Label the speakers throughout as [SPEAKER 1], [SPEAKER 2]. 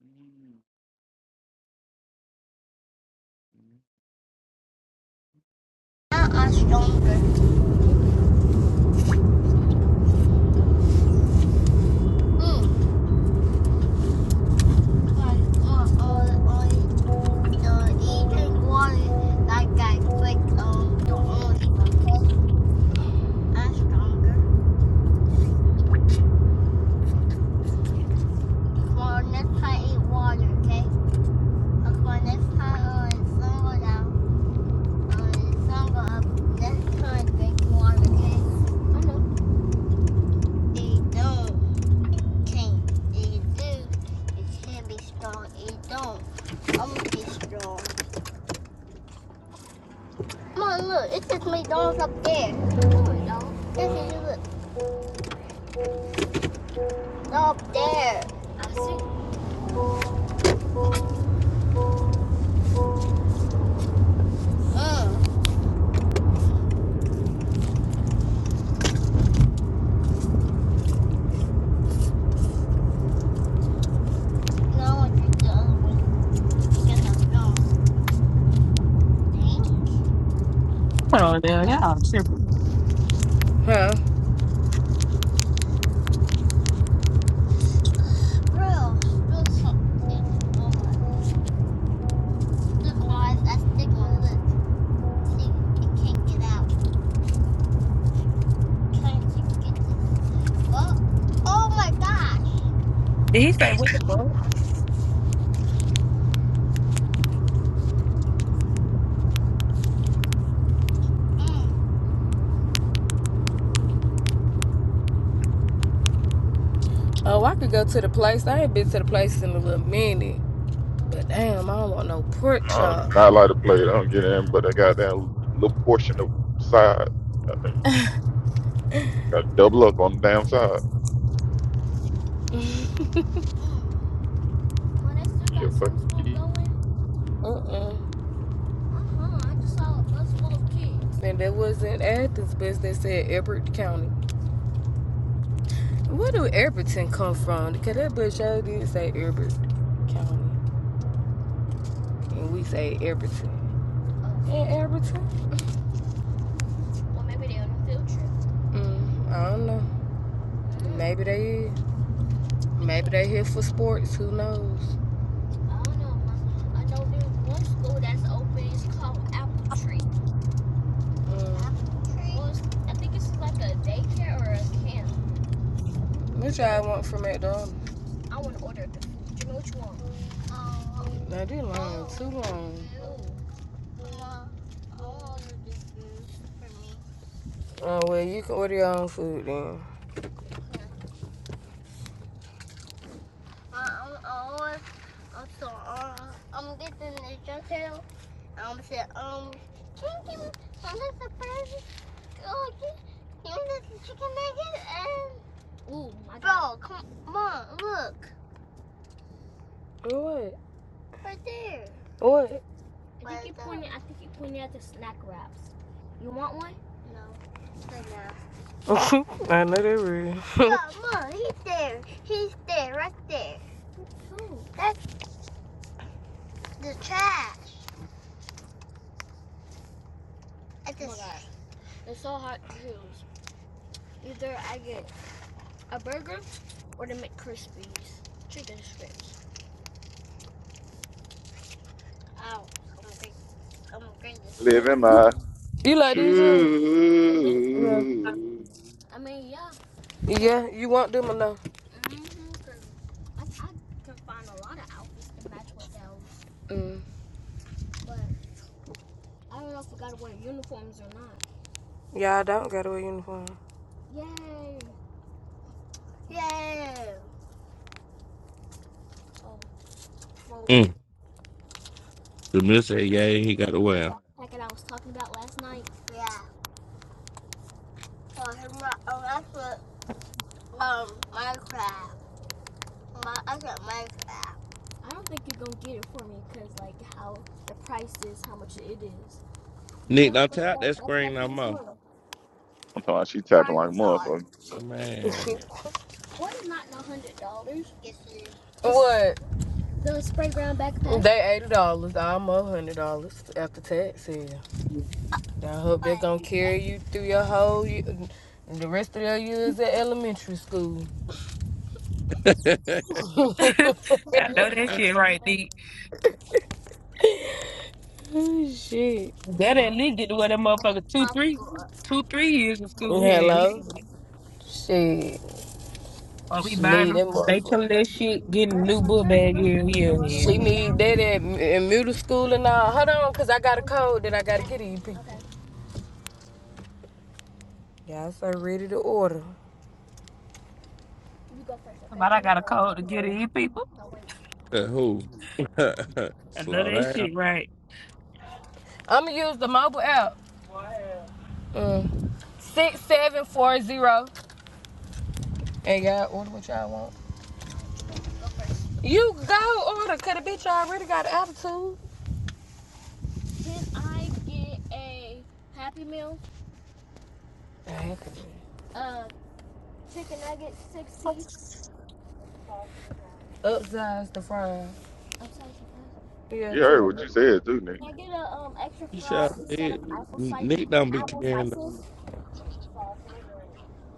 [SPEAKER 1] Mm-hmm.
[SPEAKER 2] Now I'm stronger. Mm. Because on all, all the eating water, like I click on the only, okay? I'm stronger. For next time, eat water, okay? But next time, on someone out, on someone up, next time, drink water, okay? It don't change. It do. It can be strong. It don't. I'm going strong. Come on, look. It's just McDonald's up there. No, it don't. Yes, Look. No, up there. I think Mm. no, I drink the other one because I feel dangerous.
[SPEAKER 3] Oh, yeah, yeah,
[SPEAKER 2] Oh,
[SPEAKER 3] simple.
[SPEAKER 2] Huh? bro, spill something. Oh my. Look, guys, that's thick one. Look, see, it can't get out. Trying to get to the boat. Oh my gosh.
[SPEAKER 3] He said,
[SPEAKER 2] Mm. Oh, I could go to the place. I ain't been to the place in a little minute. But damn, I don't want no pork
[SPEAKER 1] I do
[SPEAKER 2] chop.
[SPEAKER 1] not like to play. I don't get in, but I got that little portion of side. I mean, got to double up on the damn side.
[SPEAKER 2] When I still
[SPEAKER 1] Yeah,
[SPEAKER 2] got
[SPEAKER 1] fucking
[SPEAKER 2] some smoke
[SPEAKER 1] keep
[SPEAKER 2] going, Uh-uh. Uh-huh. I just saw a bus full of kids. And that was not Athens, but they said Everett County. Where do Everton come from? Because that bus show did say Everett County. And we say Everton. Oh, In Everton? well, maybe they on a field trip. Mm, I don't know. Mm, Maybe they is. Maybe they here for sports. Who knows? I don't know. Ma. I know there's one school that's open. It's called Apple Tree. Mm. Apple Tree? Well, I think it's like a daycare or a camp. What y'all want from McDonald's? I want to order the food. Do you know what you want? Um, Now they lying too long. no, I want to do this food for me. Oh well, you can order your own food then. Yeah. Uh, I'm, I want, I'm sorry. Uh, I'm getting the dress detail. I'm saying, um, can you give me some of the burgers? Oh, can you give me the chicken nuggets? And, oh, come on, look. What? Right there. What? No, right now. I know they real. Look, look, he's there. He's there, right there. That's the trash. At the trash. Ow. I'm gonna break, I'm gonna break this. Oh
[SPEAKER 1] living my
[SPEAKER 2] you like these shoes? Yeah.
[SPEAKER 1] truth.
[SPEAKER 2] Yeah, you want them or no? Mm. Yeah, I don't got to wear a uniform. Yeah.
[SPEAKER 4] Mm. The miss said, yeah, he got a well.
[SPEAKER 2] Yeah. Oh, he's my, oh, that's what, um, Minecraft. My, I got Minecraft.
[SPEAKER 4] Nick, don't tap that screen no more.
[SPEAKER 1] I'm talking about she tapping like a motherfucker.
[SPEAKER 4] Man.
[SPEAKER 2] Yes, it is. what? They eighty dollars, almost a hundred dollars after taxes. I hope they're gonna carry you through your whole y- the rest of your years at elementary school.
[SPEAKER 3] I know that shit right, D.
[SPEAKER 2] Oh, Shit.
[SPEAKER 3] That at least get to where that motherfucker two, three, two, three years of school here. at least.
[SPEAKER 2] Hello. Shit.
[SPEAKER 3] Or we
[SPEAKER 2] She
[SPEAKER 3] buying
[SPEAKER 2] need that
[SPEAKER 3] them, they
[SPEAKER 2] motherfucker.
[SPEAKER 3] telling that shit, getting a new book bag here, yeah, yeah.
[SPEAKER 2] She need that at, in middle school and all. Hold on, cause I got a code that I gotta get in. Okay. Y'all so ready to order.
[SPEAKER 3] But I got a code to get in, people.
[SPEAKER 4] Who?
[SPEAKER 3] I know
[SPEAKER 4] Slow
[SPEAKER 3] that
[SPEAKER 4] down.
[SPEAKER 3] shit right.
[SPEAKER 2] I'ma use the mobile app. Mm. Six seven four zero. And y'all order what y'all want. You go order, cause the bitch already got an attitude. Right. Upsize the fries. Yeah,
[SPEAKER 1] You heard what you
[SPEAKER 2] too.
[SPEAKER 1] said too, Nick.
[SPEAKER 4] You sure did. Nick don't be caring.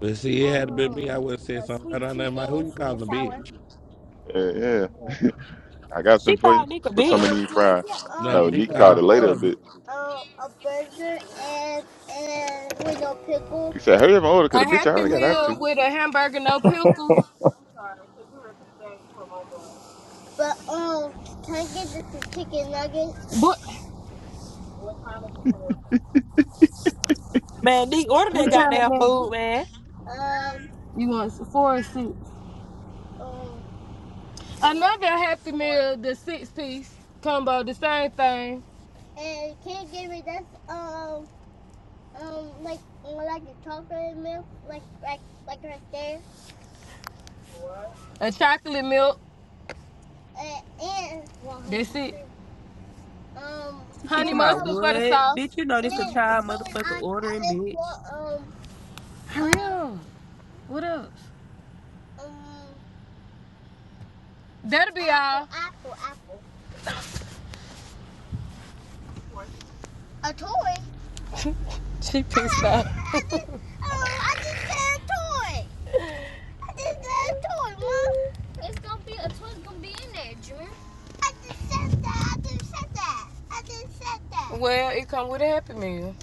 [SPEAKER 4] But see, it had to be me. I
[SPEAKER 2] Um,
[SPEAKER 4] would have said
[SPEAKER 2] the
[SPEAKER 4] something. I
[SPEAKER 2] sweet
[SPEAKER 4] don't know.
[SPEAKER 2] tea
[SPEAKER 4] my- Who
[SPEAKER 2] and
[SPEAKER 4] you
[SPEAKER 2] sweet and
[SPEAKER 4] calling a bitch?
[SPEAKER 2] sour.
[SPEAKER 1] Yeah, yeah. I got
[SPEAKER 3] She
[SPEAKER 1] some for you.
[SPEAKER 3] called Nick a
[SPEAKER 1] Put some in
[SPEAKER 3] bitch.
[SPEAKER 2] Um,
[SPEAKER 1] the
[SPEAKER 2] I
[SPEAKER 1] fry.
[SPEAKER 2] get all
[SPEAKER 4] No,
[SPEAKER 1] No,
[SPEAKER 2] this
[SPEAKER 4] Nick
[SPEAKER 1] Nick
[SPEAKER 2] is
[SPEAKER 1] called
[SPEAKER 4] called
[SPEAKER 1] her
[SPEAKER 4] her
[SPEAKER 2] like
[SPEAKER 1] later a
[SPEAKER 4] a bitch.
[SPEAKER 1] bitch.
[SPEAKER 2] um a burger and and with no pickles.
[SPEAKER 1] He said, hurry up and order because
[SPEAKER 2] A
[SPEAKER 1] the bitch I
[SPEAKER 2] happy
[SPEAKER 1] already got out
[SPEAKER 2] meal
[SPEAKER 1] to.
[SPEAKER 2] with a hamburger, no pickles. But um, can I get the two chicken nuggets? But
[SPEAKER 3] Man, Nick ordered
[SPEAKER 2] what
[SPEAKER 3] that
[SPEAKER 2] kind of
[SPEAKER 3] goddamn
[SPEAKER 2] nuggets?
[SPEAKER 3] food, man.
[SPEAKER 2] Um, You want four or six? um, Another happy meal, the six piece combo, the same thing. and can't give me this um um like like the chocolate milk like like like right there A chocolate milk, and, and well, That's it. um
[SPEAKER 3] She keep
[SPEAKER 2] honey
[SPEAKER 3] talking about
[SPEAKER 2] mustard for the
[SPEAKER 3] what? Bitch,
[SPEAKER 2] sauce.
[SPEAKER 3] you know
[SPEAKER 2] and,
[SPEAKER 3] this a
[SPEAKER 2] then,
[SPEAKER 3] child
[SPEAKER 2] and
[SPEAKER 3] motherfucker
[SPEAKER 2] I I
[SPEAKER 3] ordering,
[SPEAKER 2] just
[SPEAKER 3] bitch.
[SPEAKER 2] want um Hurry up. What else? um That'll be apple, all. apple apple a toy. She pissed off. I just, oh, I just got a toy. I just got a toy, Mom. I just said that. I just said that. I just said that. Well, it come with a happy meal.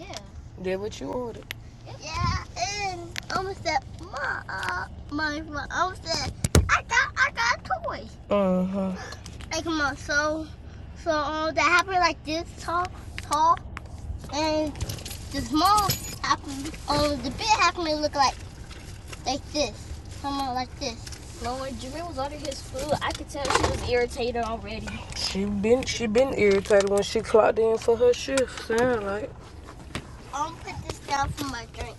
[SPEAKER 2] Did what you ordered. Yeah, and I almost said, my, uh, my, my, I almost said, I got, I got a toy. Uh huh. Like, come on, so, so um, that happened like this tall, tall, and the small happened, oh, um, the big happened to look like, like this. Come on, like this. She been she been irritated when she clocked in for her shift. Sound like. I'm gonna put this down for my drink.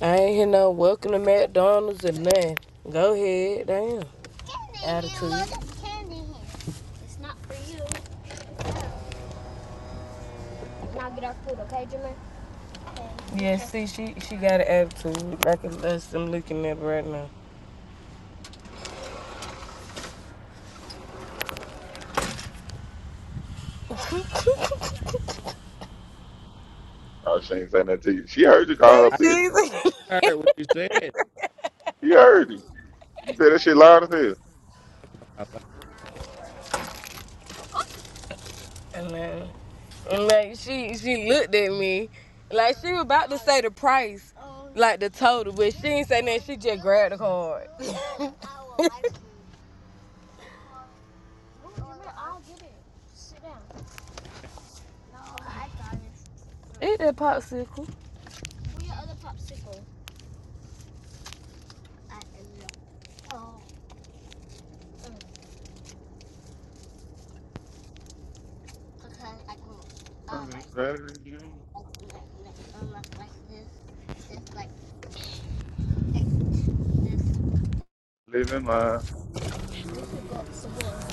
[SPEAKER 2] I ain't hear no welcome to McDonald's or nothing. Go ahead, damn. Attitude. Yeah, see, she she got an attitude. Like that's I'm looking at right now.
[SPEAKER 1] Oh, she ain't saying that to you. She heard you call her
[SPEAKER 2] No,
[SPEAKER 1] a bitch.
[SPEAKER 2] she's.
[SPEAKER 4] I heard what you said.
[SPEAKER 1] She heard you. You said that shit loud as hell.
[SPEAKER 2] And then, and like she she looked at me, like she was about to say the price, Oh, like the total, but she ain't say nothing. She just grabbed the card. I like. No, Eat that popsicle. because I can
[SPEAKER 1] I'm
[SPEAKER 2] um like
[SPEAKER 1] just better than you,
[SPEAKER 2] like like, like um like, like this this like this.
[SPEAKER 1] Living my.
[SPEAKER 2] We should go to this.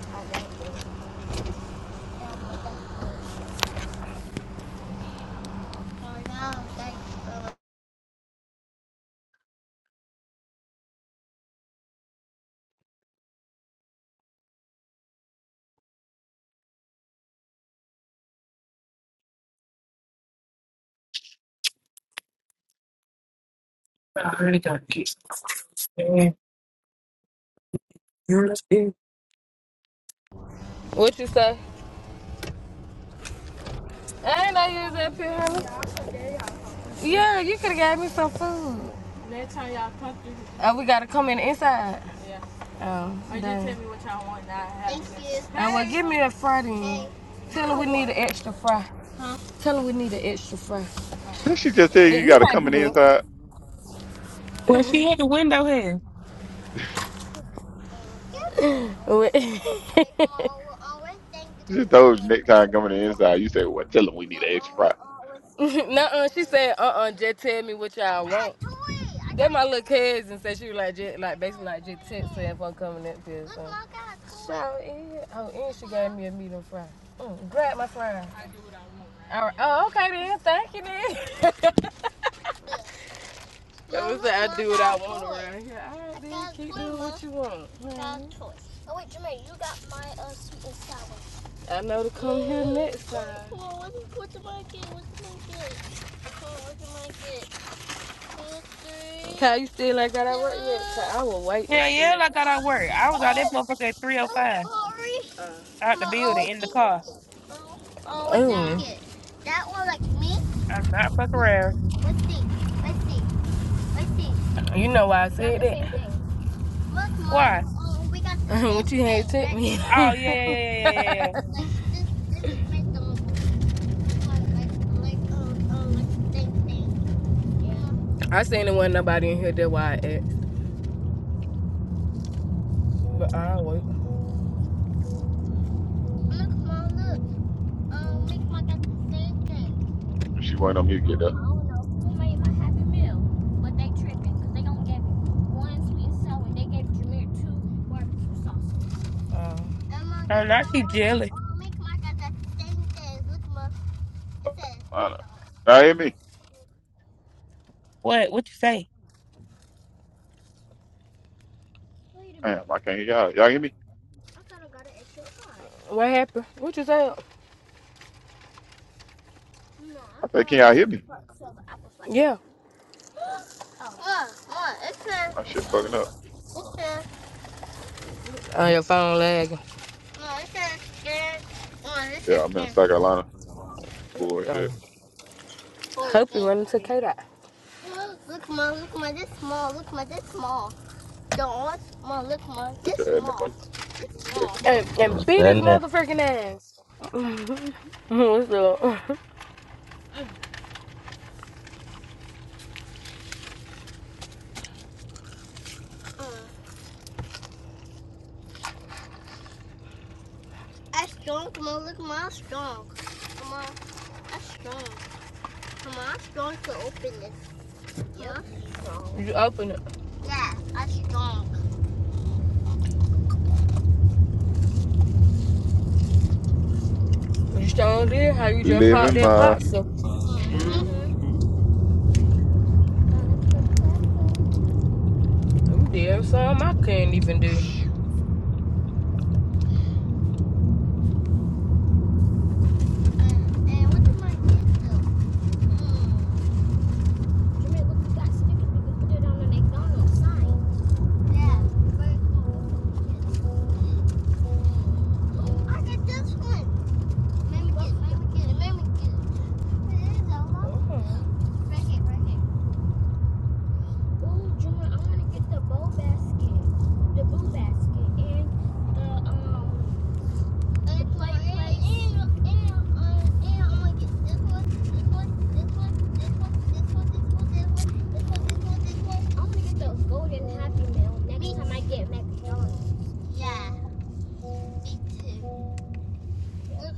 [SPEAKER 2] I like Um, like um,
[SPEAKER 3] I really got to get some. man. You understand?
[SPEAKER 2] What you say? I ain't know you was up here, honey. Yeah, you could have gave me some food. Next time y'all come through, Uh, we gotta come in inside. yeah. Oh, Or just tell me what y'all want. Now I have thank it. you. Uh, well, give me a fry then. Hey, Tell her we need an extra fry. Tell her we need an extra fry. Eh,
[SPEAKER 1] Then she just tell you you
[SPEAKER 2] you
[SPEAKER 1] got to
[SPEAKER 2] can
[SPEAKER 1] come
[SPEAKER 2] do
[SPEAKER 1] in the
[SPEAKER 2] good.
[SPEAKER 1] inside.
[SPEAKER 3] Well, she had the window here.
[SPEAKER 2] Wait.
[SPEAKER 1] She just told you next time coming in the inside. You say, well, tell them we
[SPEAKER 2] No,
[SPEAKER 1] need an extra fry.
[SPEAKER 2] she said, uh-uh, just tell me what y'all want. Then my little cousin said she was like, just, like basically like just text her if I'm coming up here. So. I it. Oh, and she gave me a medium fry. Mm, grab my fry. All right. Oh, okay then. Thank you then. That was I do what I want around here. All right, then keep doing what you want. man. Oh wait, Jermaine, you got my uh, sweet and sour. I know to come here next time. Come on, what did I get? What did I get? Come on, what did I get? Two, three. Ty, you still ain't got out work yet? Ty, I will wait and
[SPEAKER 3] Hell
[SPEAKER 2] see.
[SPEAKER 3] yeah, I got out work. I was out that motherfucker at
[SPEAKER 2] Oh,
[SPEAKER 3] 305,
[SPEAKER 2] Corey. Uh,
[SPEAKER 3] out
[SPEAKER 2] Come
[SPEAKER 3] the
[SPEAKER 2] on, oh,
[SPEAKER 3] building,
[SPEAKER 2] what
[SPEAKER 3] in
[SPEAKER 2] did
[SPEAKER 3] the car.
[SPEAKER 2] Oh, oh, what Mm. you get? That one like me?
[SPEAKER 3] I'm not fucking around.
[SPEAKER 2] Let's see. Let's see. Let's see. you know why I Look,
[SPEAKER 3] Why?
[SPEAKER 2] Mom. Oh, we got what you had sent me. like
[SPEAKER 3] Oh, yeah, yeah, yeah, yeah, yeah, yeah. yeah.
[SPEAKER 2] this. This is based on like like um um like thing thing. Yeah. I seen it wasn't nobody in here that why I asked. But I wait. Look, Mom. Look. Um, make my got the same thing.
[SPEAKER 1] And she went on mute to
[SPEAKER 2] Oh,
[SPEAKER 1] get
[SPEAKER 2] I
[SPEAKER 1] up.
[SPEAKER 2] Uh, And Mom
[SPEAKER 3] I'm
[SPEAKER 2] just
[SPEAKER 3] not,
[SPEAKER 2] go
[SPEAKER 3] she
[SPEAKER 2] um
[SPEAKER 3] jelly.
[SPEAKER 2] um make my got the same thing. Look, Mom. It says
[SPEAKER 1] I know.
[SPEAKER 2] McDonald's.
[SPEAKER 1] Y'all hear me?
[SPEAKER 3] What? What you say?
[SPEAKER 1] Damn, I can't hear y'all. Y'all hear me?
[SPEAKER 2] I thought I got an extra. what happened? What you say? No, I
[SPEAKER 1] I said,
[SPEAKER 2] thought
[SPEAKER 1] can
[SPEAKER 2] I
[SPEAKER 1] y'all
[SPEAKER 2] got
[SPEAKER 1] hear
[SPEAKER 2] extra
[SPEAKER 1] me?
[SPEAKER 2] so the apple slice. Yeah. Look, look, it says,
[SPEAKER 1] My shit fucking up.
[SPEAKER 2] it says, Oh, your phone lagging. no, it says scan. Oh, this is
[SPEAKER 1] Yeah, I'm in
[SPEAKER 2] scan.
[SPEAKER 1] South Carolina. Bullshit.
[SPEAKER 2] Hope you run into K dot. Look, look, ma, look, ma, this small. Look, ma, this small. Don't, ma, look, ma, this
[SPEAKER 1] Bitch, I had no
[SPEAKER 2] small.
[SPEAKER 1] idea.
[SPEAKER 2] This small. And, and beat his
[SPEAKER 5] Amen.
[SPEAKER 2] motherfucking ass. What's up? Mm. I strong, come on, look, ma, I'm strong. Come on, I'm strong. Come on, I'm strong to open this. Yeah, I'm strong. you open it. Yeah, I'm strong. You sure did. How you just popped
[SPEAKER 1] Living
[SPEAKER 2] that
[SPEAKER 1] my.
[SPEAKER 2] popsicle?
[SPEAKER 1] truth.
[SPEAKER 2] Mm-hmm. You did something I couldn't even do. Oh. Look,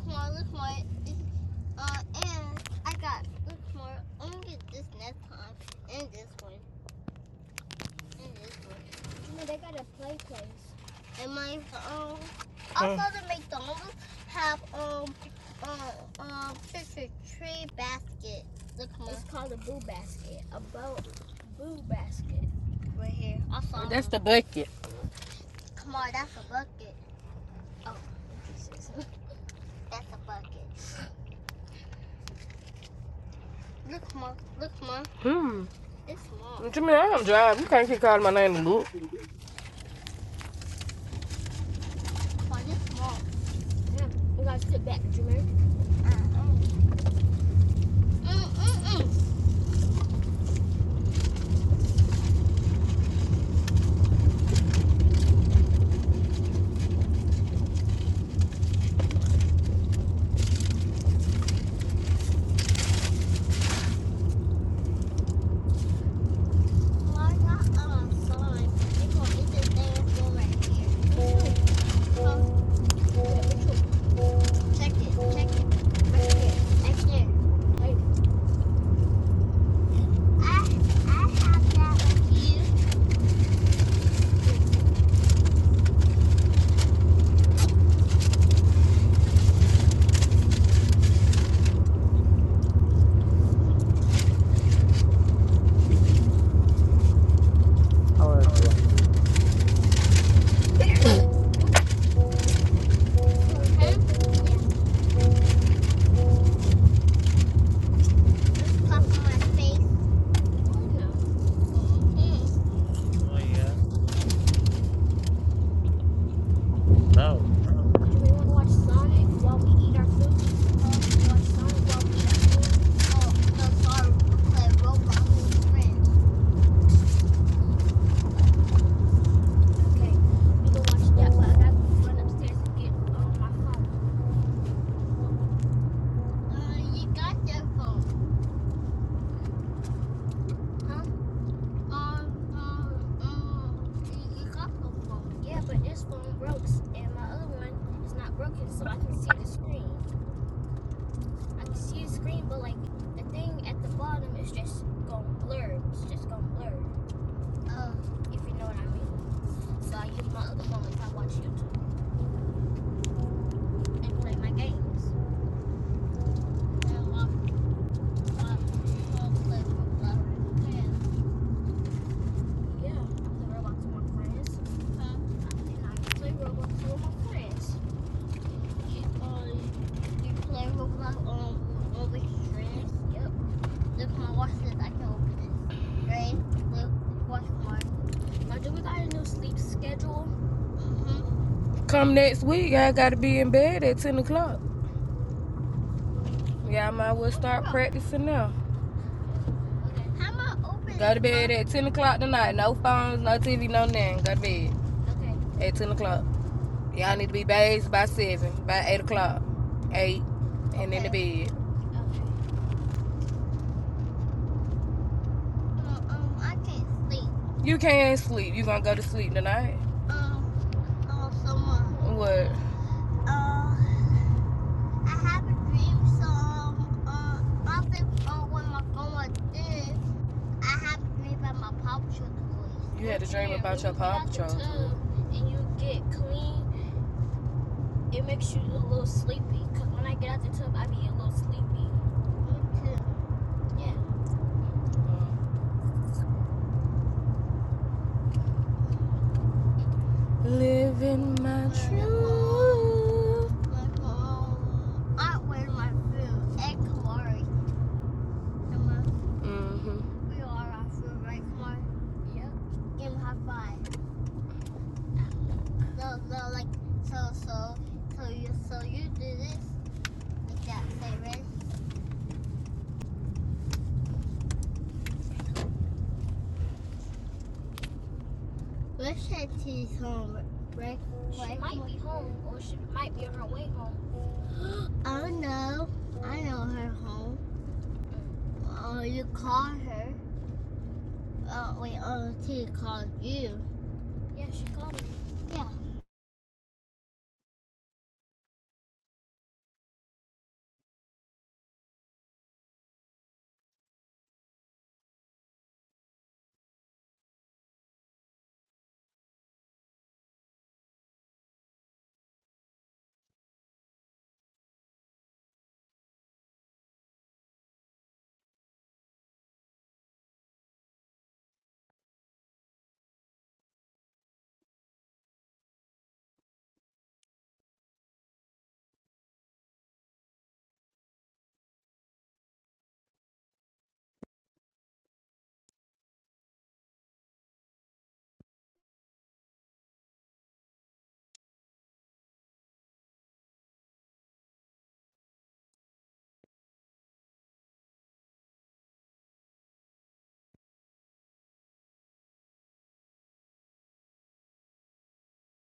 [SPEAKER 2] Mark, look, Mark. Uh, and I got six more. I'm gonna get this next time, and this one, and this one, and my um. Also, the McDonald's have um uh um Christmas tree basket. Look right here. Also, That's them. the bucket. Come on, that's a bucket. That's a bucket. Look, Mark. Look, Mark. Hmm. It's small. What you mean? I don't drive. You can't keep calling my name and look. Come on, it's small. Uh, uh, mm, mm, mm. right right right I, have that with you.
[SPEAKER 6] Hello, hello guys. How are everyone doing? Hello sis.
[SPEAKER 2] Okay. Yeah.
[SPEAKER 6] Hello.
[SPEAKER 2] my face.
[SPEAKER 6] Anyone here? Hello.
[SPEAKER 2] Oh, no, sorry. I play Roblox friends. Uh, you got your phone. Huh? Um, um, um, you, got your phone. Uh, I love, love, play Roblox friends. Huh? You, uh, Can I open up all, all the Yep. Look, my watch says I can open it. Green, blue, watch mark. Mm-hmm. Come next week, I gotta be in bed at 10 o'clock. Yeah, I might well start oh, practicing now. How am I opening Go to bed at 10 o'clock tonight. No phones, no TV, no nothing. Go to bed at 10 o'clock. Y'all need to be bathed by 7, by 8 o'clock, 8, okay. and in the bed. Um, um, I can't sleep. You can't sleep. You gonna go to sleep tonight? Um, oh, so much. What? Uh, I have a dream song. Uh, often uh, when my phone was I have a dream about my Paw Patrol toys. You Patrol. Living my truth. I wear my food and Kamari. Mm-hmm. We are our food, right, Kamari? Yep. Give him high five. So, so, like, so so, so you, so you do this, like that, say red, Where's Auntie's home, right? Oh no, I know her home. Oh, you called her. Oh wait, Auntie called you. Yeah,